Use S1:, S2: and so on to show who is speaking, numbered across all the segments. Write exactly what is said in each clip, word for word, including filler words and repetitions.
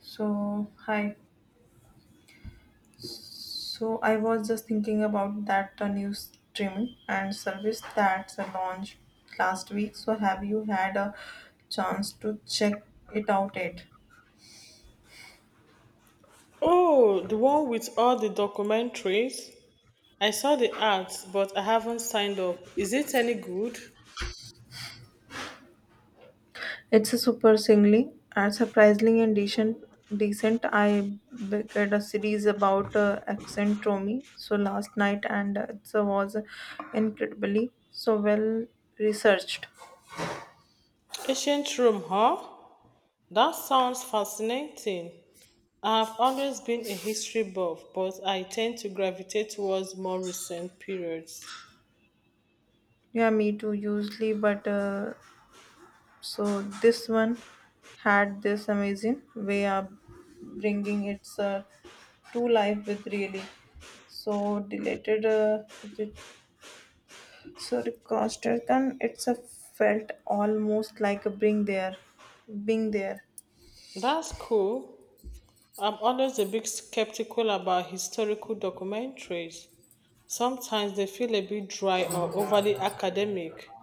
S1: So, hi. So, I was just thinking about that uh, new streaming and service that's uh, launched last week. So, have you had a chance to check it out yet?
S2: Oh, the one with all the documentaries? I saw the ads, but I haven't signed up. Is it any good?
S1: It's a super singly and surprisingly and decent. Decent. I began a series about uh, accent So last night and uh, it was incredibly so well researched.
S2: Ancient Rome, huh? That sounds fascinating. I've always been a history buff, but I tend to gravitate towards more recent periods.
S1: Yeah, me too. Usually, but uh, So this one had this amazing way of bringing its uh, to life with really. So deleted uh, re- sorry crossed it and it's a felt almost like a bring there, being there.
S2: That's cool. I'm always a bit skeptical about historical documentaries. Sometimes they feel a bit dry or overly academic.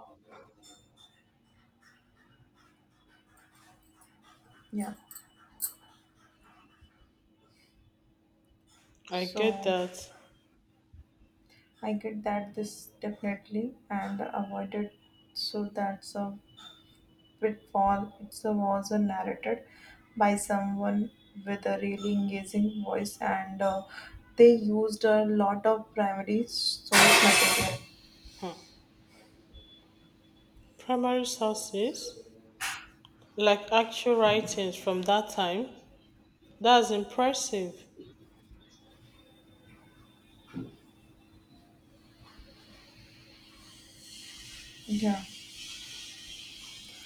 S1: Yeah.
S2: I get
S1: So
S2: that.
S1: I get that this definitely and avoided. So that's a Pitfall it was uh, narrated by someone with a really engaging voice, and uh, they used a lot of primary source material.
S2: Hmm. Primary sources, like actual writings from that time. That's impressive.
S1: Yeah,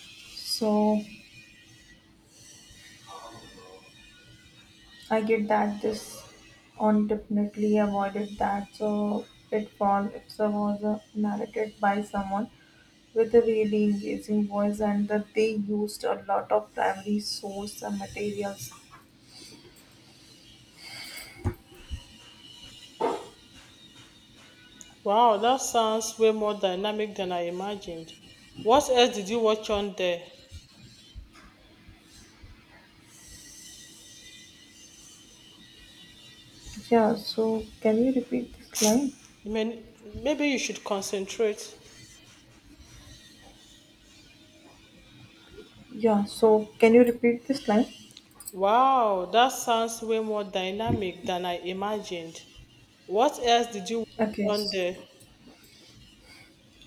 S1: so I get that this on definitely avoided that. So pitfall it was uh, narrated by someone with a really engaging voice, and that they used a lot of primary source uh, materials.
S2: Wow, that sounds way more dynamic than I imagined. What else did you watch on there?
S1: Yeah, so can you repeat this line?
S2: I mean, maybe you should concentrate.
S1: Yeah, so can you repeat this line?
S2: Wow, that sounds way more dynamic than I imagined. What else did you
S1: Okay.
S2: watch on
S1: s-
S2: there?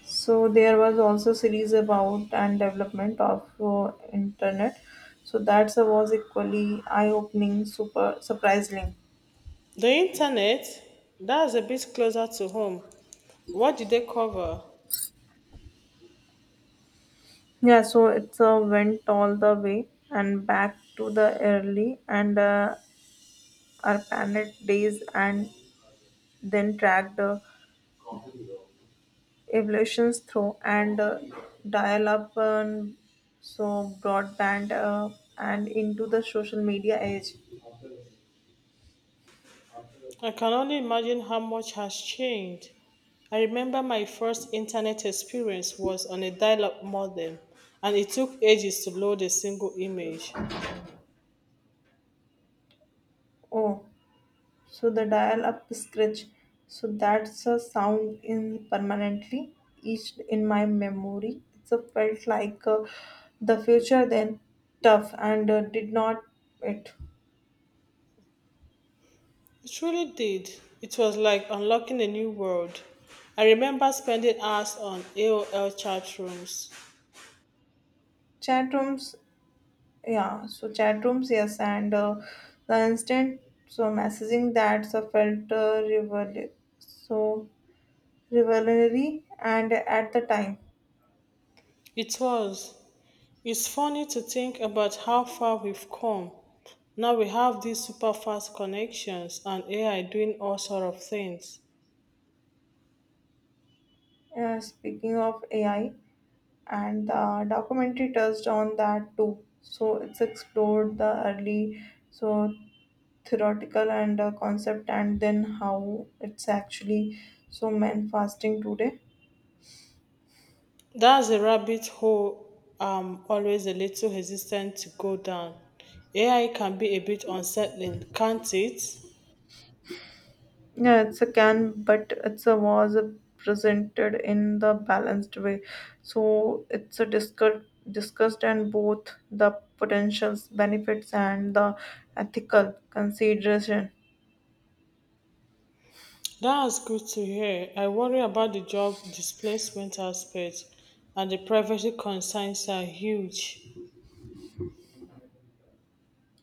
S1: So there was also series about and development of uh, internet. So that's a was equally eye-opening, super surprising.
S2: The internet? That's a bit closer to home. What did they cover?
S1: Yeah, so it's uh, went all the way and back to the early and uh, our planet days and then tracked the evolutions through and uh, dial up and so broadband uh, and into the social media age.
S2: I can only imagine how much has changed. I remember my first internet experience was on a dial up modem, and it took ages to load a single image.
S1: Oh, so the dial up scratch. So that's a sound in permanently etched in my memory. It's a felt like uh, the future then tough and uh, did not it.
S2: It really did. It was like unlocking a new world. I remember spending hours on A O L chat rooms.
S1: Chat rooms, yeah. So chat rooms, yes, and uh, the instant so messaging that's a felt uh, revel- so revelatory and at the time.
S2: It was. It's funny to think about how far we've come. Now we have these super fast connections and A I doing all sort of things.
S1: Uh, speaking of A I. And the documentary touched on that too. So it's explored the early, so theoretical and uh, concept, and then how it's actually so men fasting today.
S2: That's a rabbit hole I'm always a little hesitant to go down. A I can be a bit unsettling, can't it?
S1: Yeah, it's a can, but it's a was a presented in the balanced way. So it's a discuss, discussed and both the potentials, benefits, and the ethical consideration.
S2: That's good to hear. I worry about the job displacement aspect and the privacy concerns are huge.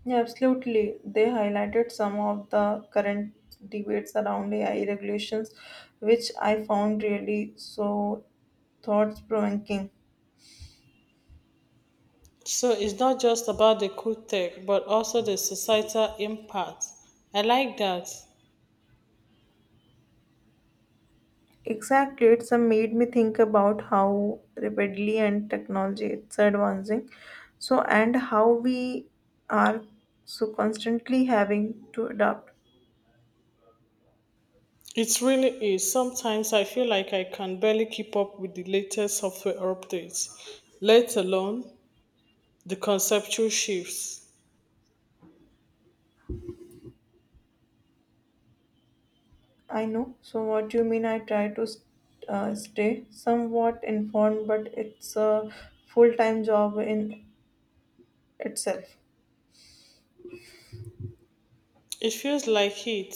S1: Yeah, absolutely. They highlighted some of the current debates around A I regulations, which I found really so thought provoking.
S2: So it's not just about the cool tech, but also the societal impact. I like that.
S1: Exactly, it's uh, made me think about how rapidly and technology it's advancing. So, and how we are so constantly having to adapt.
S2: It really is. Sometimes I feel like I can barely keep up with the latest software updates, let alone the conceptual shifts.
S1: I know. So, what you mean? I try to st- uh, stay somewhat informed, but it's a full time job in itself.
S2: It feels like it.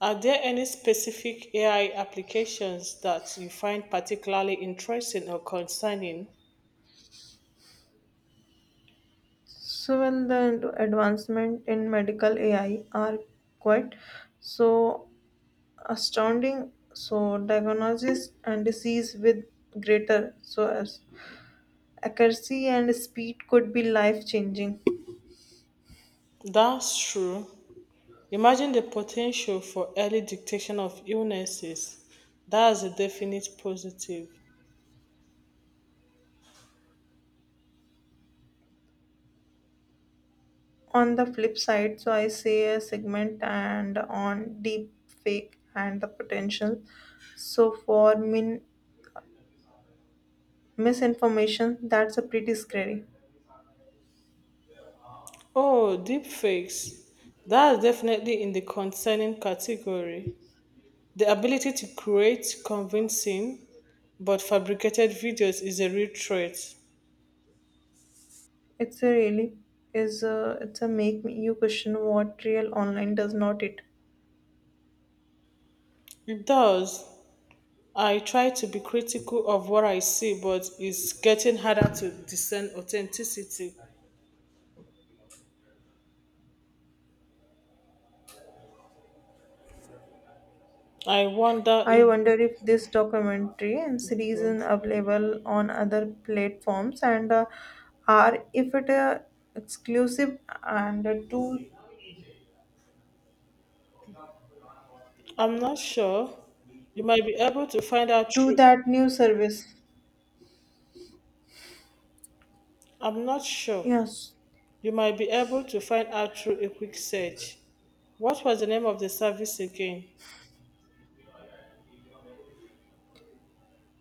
S2: Are there any specific A I applications that you find particularly interesting or concerning?
S1: So when the ad- advancement in medical A I are quite so astounding, so diagnosis and disease with greater so as accuracy and speed could be life changing.
S2: That's true. Imagine the potential for early detection of illnesses. That's a definite positive.
S1: On the flip side, so I say a segment and on deep fake and the potential. So for min- misinformation, that's a pretty scary.
S2: Oh, deepfakes. That's definitely in the concerning category. The ability to create convincing but fabricated videos is a real threat.
S1: It's a really is a, it's a make me- you question what real online does not it.
S2: It does. I try to be critical of what I see, but it's getting harder to discern authenticity. I wonder
S1: I
S2: if
S1: wonder if this documentary and series is available on other platforms and uh, are if it uh, exclusive and uh, to
S2: I'm not sure. You might be able to find out
S1: to
S2: through.
S1: that new service.
S2: I'm not sure.
S1: Yes,
S2: You might be able to find out through a quick search. What was the name of the service again?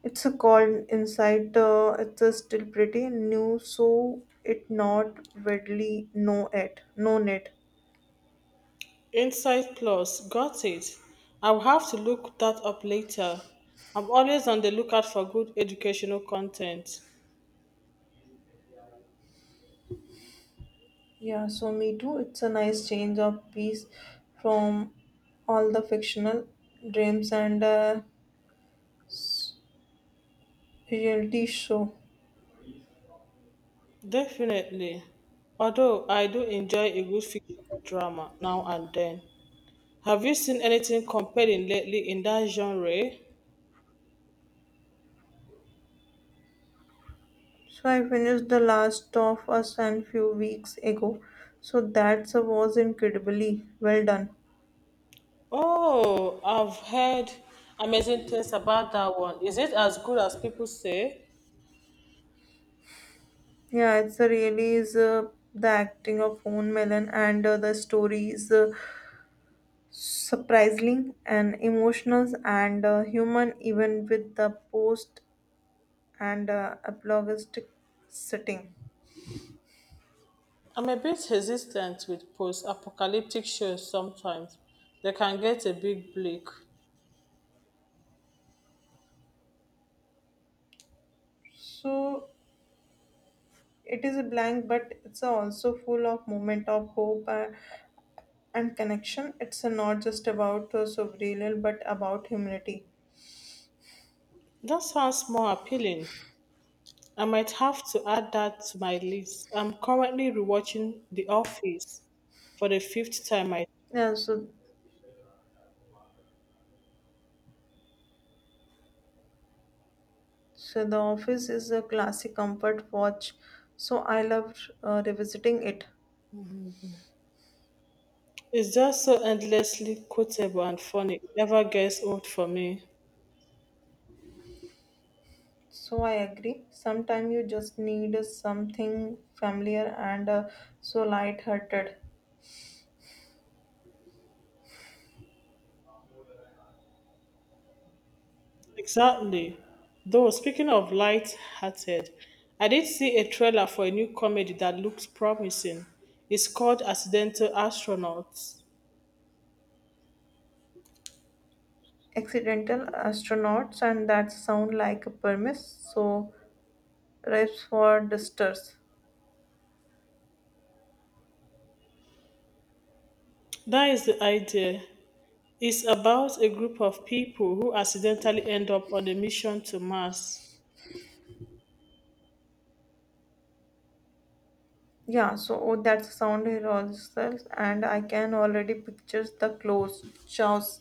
S1: it's a called inside. Uh, it's a still pretty new, so it not widely know it, known it.
S2: Insight Plus. Got it. I'll have to look that up later. I'm always on the lookout for good educational content.
S1: Yeah, so me too. It's a nice change of piece from all the fictional dreams and uh, s- reality show.
S2: Definitely. Although I do enjoy a good fictional drama now and then. Have you seen anything compelling lately in that genre?
S1: So I finished The Last of Us and few weeks ago. So that was incredibly well done.
S2: Oh, I've heard amazing things about that one. Is it as good as people say?
S1: Yeah, it's a really is uh, the acting of Owen Mellon and uh, the story is uh, surprising and emotional and uh, human even with the post and uh, a blogistic setting.
S2: I'm a bit hesitant with post apocalyptic shows sometimes. They can get a bit bleak.
S1: So it is a blank, but it's also full of moment of hope uh, and connection. It's uh, not just about uh, sobriety, but about humility.
S2: That sounds more appealing. I might have to add that to my list. I'm currently rewatching The Office for the fifth time, I
S1: Yeah, so so the office is a classic comfort watch. So I love uh, revisiting it.
S2: it's just so endlessly quotable and funny. It never gets old for me.
S1: So I agree. Sometimes you just need uh, something familiar and uh, so light-hearted.
S2: Exactly. Though, speaking of light hearted, I did see a trailer for a new comedy that looks promising. It's called Accidental Astronauts.
S1: Accidental astronauts and that sound like a premise so reps for dusters
S2: That is the idea. It's about a group of people who accidentally end up on a mission to Mars.
S1: yeah so oh, that sound is also, and I can already picture the clothes jaws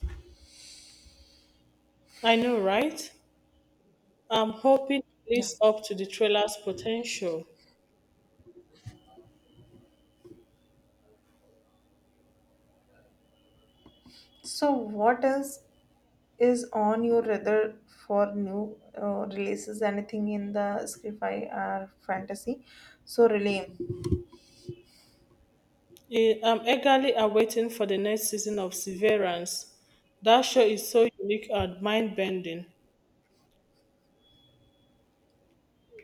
S2: I know, right? I'm hoping it
S1: yeah
S2: lives up to the trailer's potential.
S1: so what else is on your radar for new uh, releases anything in the sci-fi or fantasy so relay
S2: I am eagerly awaiting for the next season of Severance. That show is so unique and mind-bending.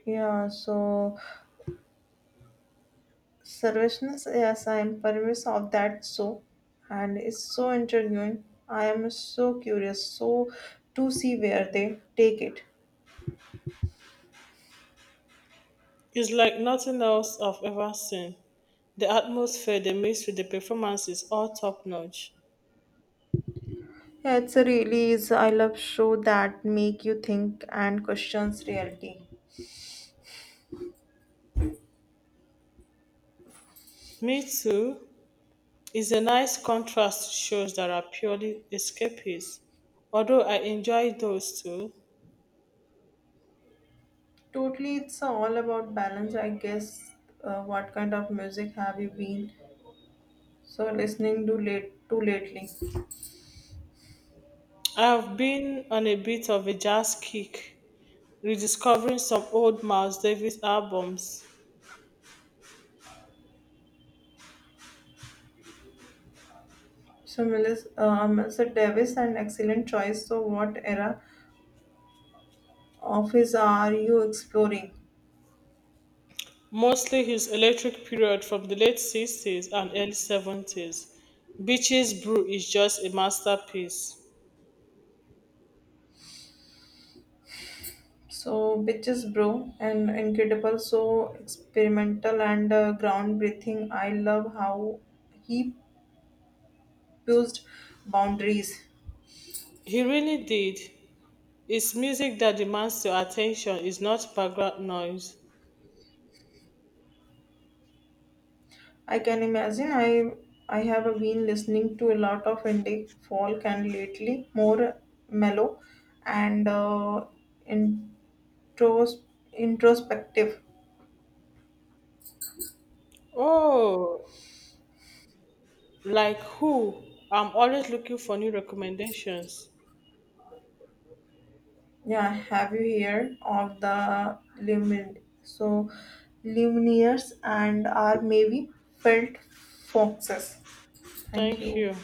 S1: yeah so Seriousness, yes, I am pervious of that so, and it's so intriguing. I am so curious, so to see where they take it.
S2: It's like nothing else I've ever seen. The atmosphere they mix with the performances all top-notch.
S1: Yeah, it's a really is I love show that make you think and questions reality.
S2: Me Too is a nice contrast to shows that are purely escapist. Although I enjoy those too,
S1: Totally, it's all about balance, I guess. Uh, what kind of music have you been so listening to late to lately?
S2: I have been on a bit of a jazz kick, rediscovering some old Miles Davis albums.
S1: So, Melissa, uh, mister Davis, an excellent choice. So, what era of his are you exploring?
S2: Mostly his electric period from the late sixties and early seventies, Beach's Brew is just a masterpiece.
S1: So, bitches, bro, and incredible, so experimental and uh, ground breathing. I love how he pushed boundaries.
S2: He really did. It's music that demands your attention, it's not background noise.
S1: I can imagine. I I have been listening to a lot of indie folk and lately more mellow and uh, intros, introspective.
S2: Oh, like who? I'm always looking for new recommendations.
S1: Yeah, have you heard of the lumin so lumineers and are maybe felt foxes? Thank
S2: Thank
S1: you.
S2: you.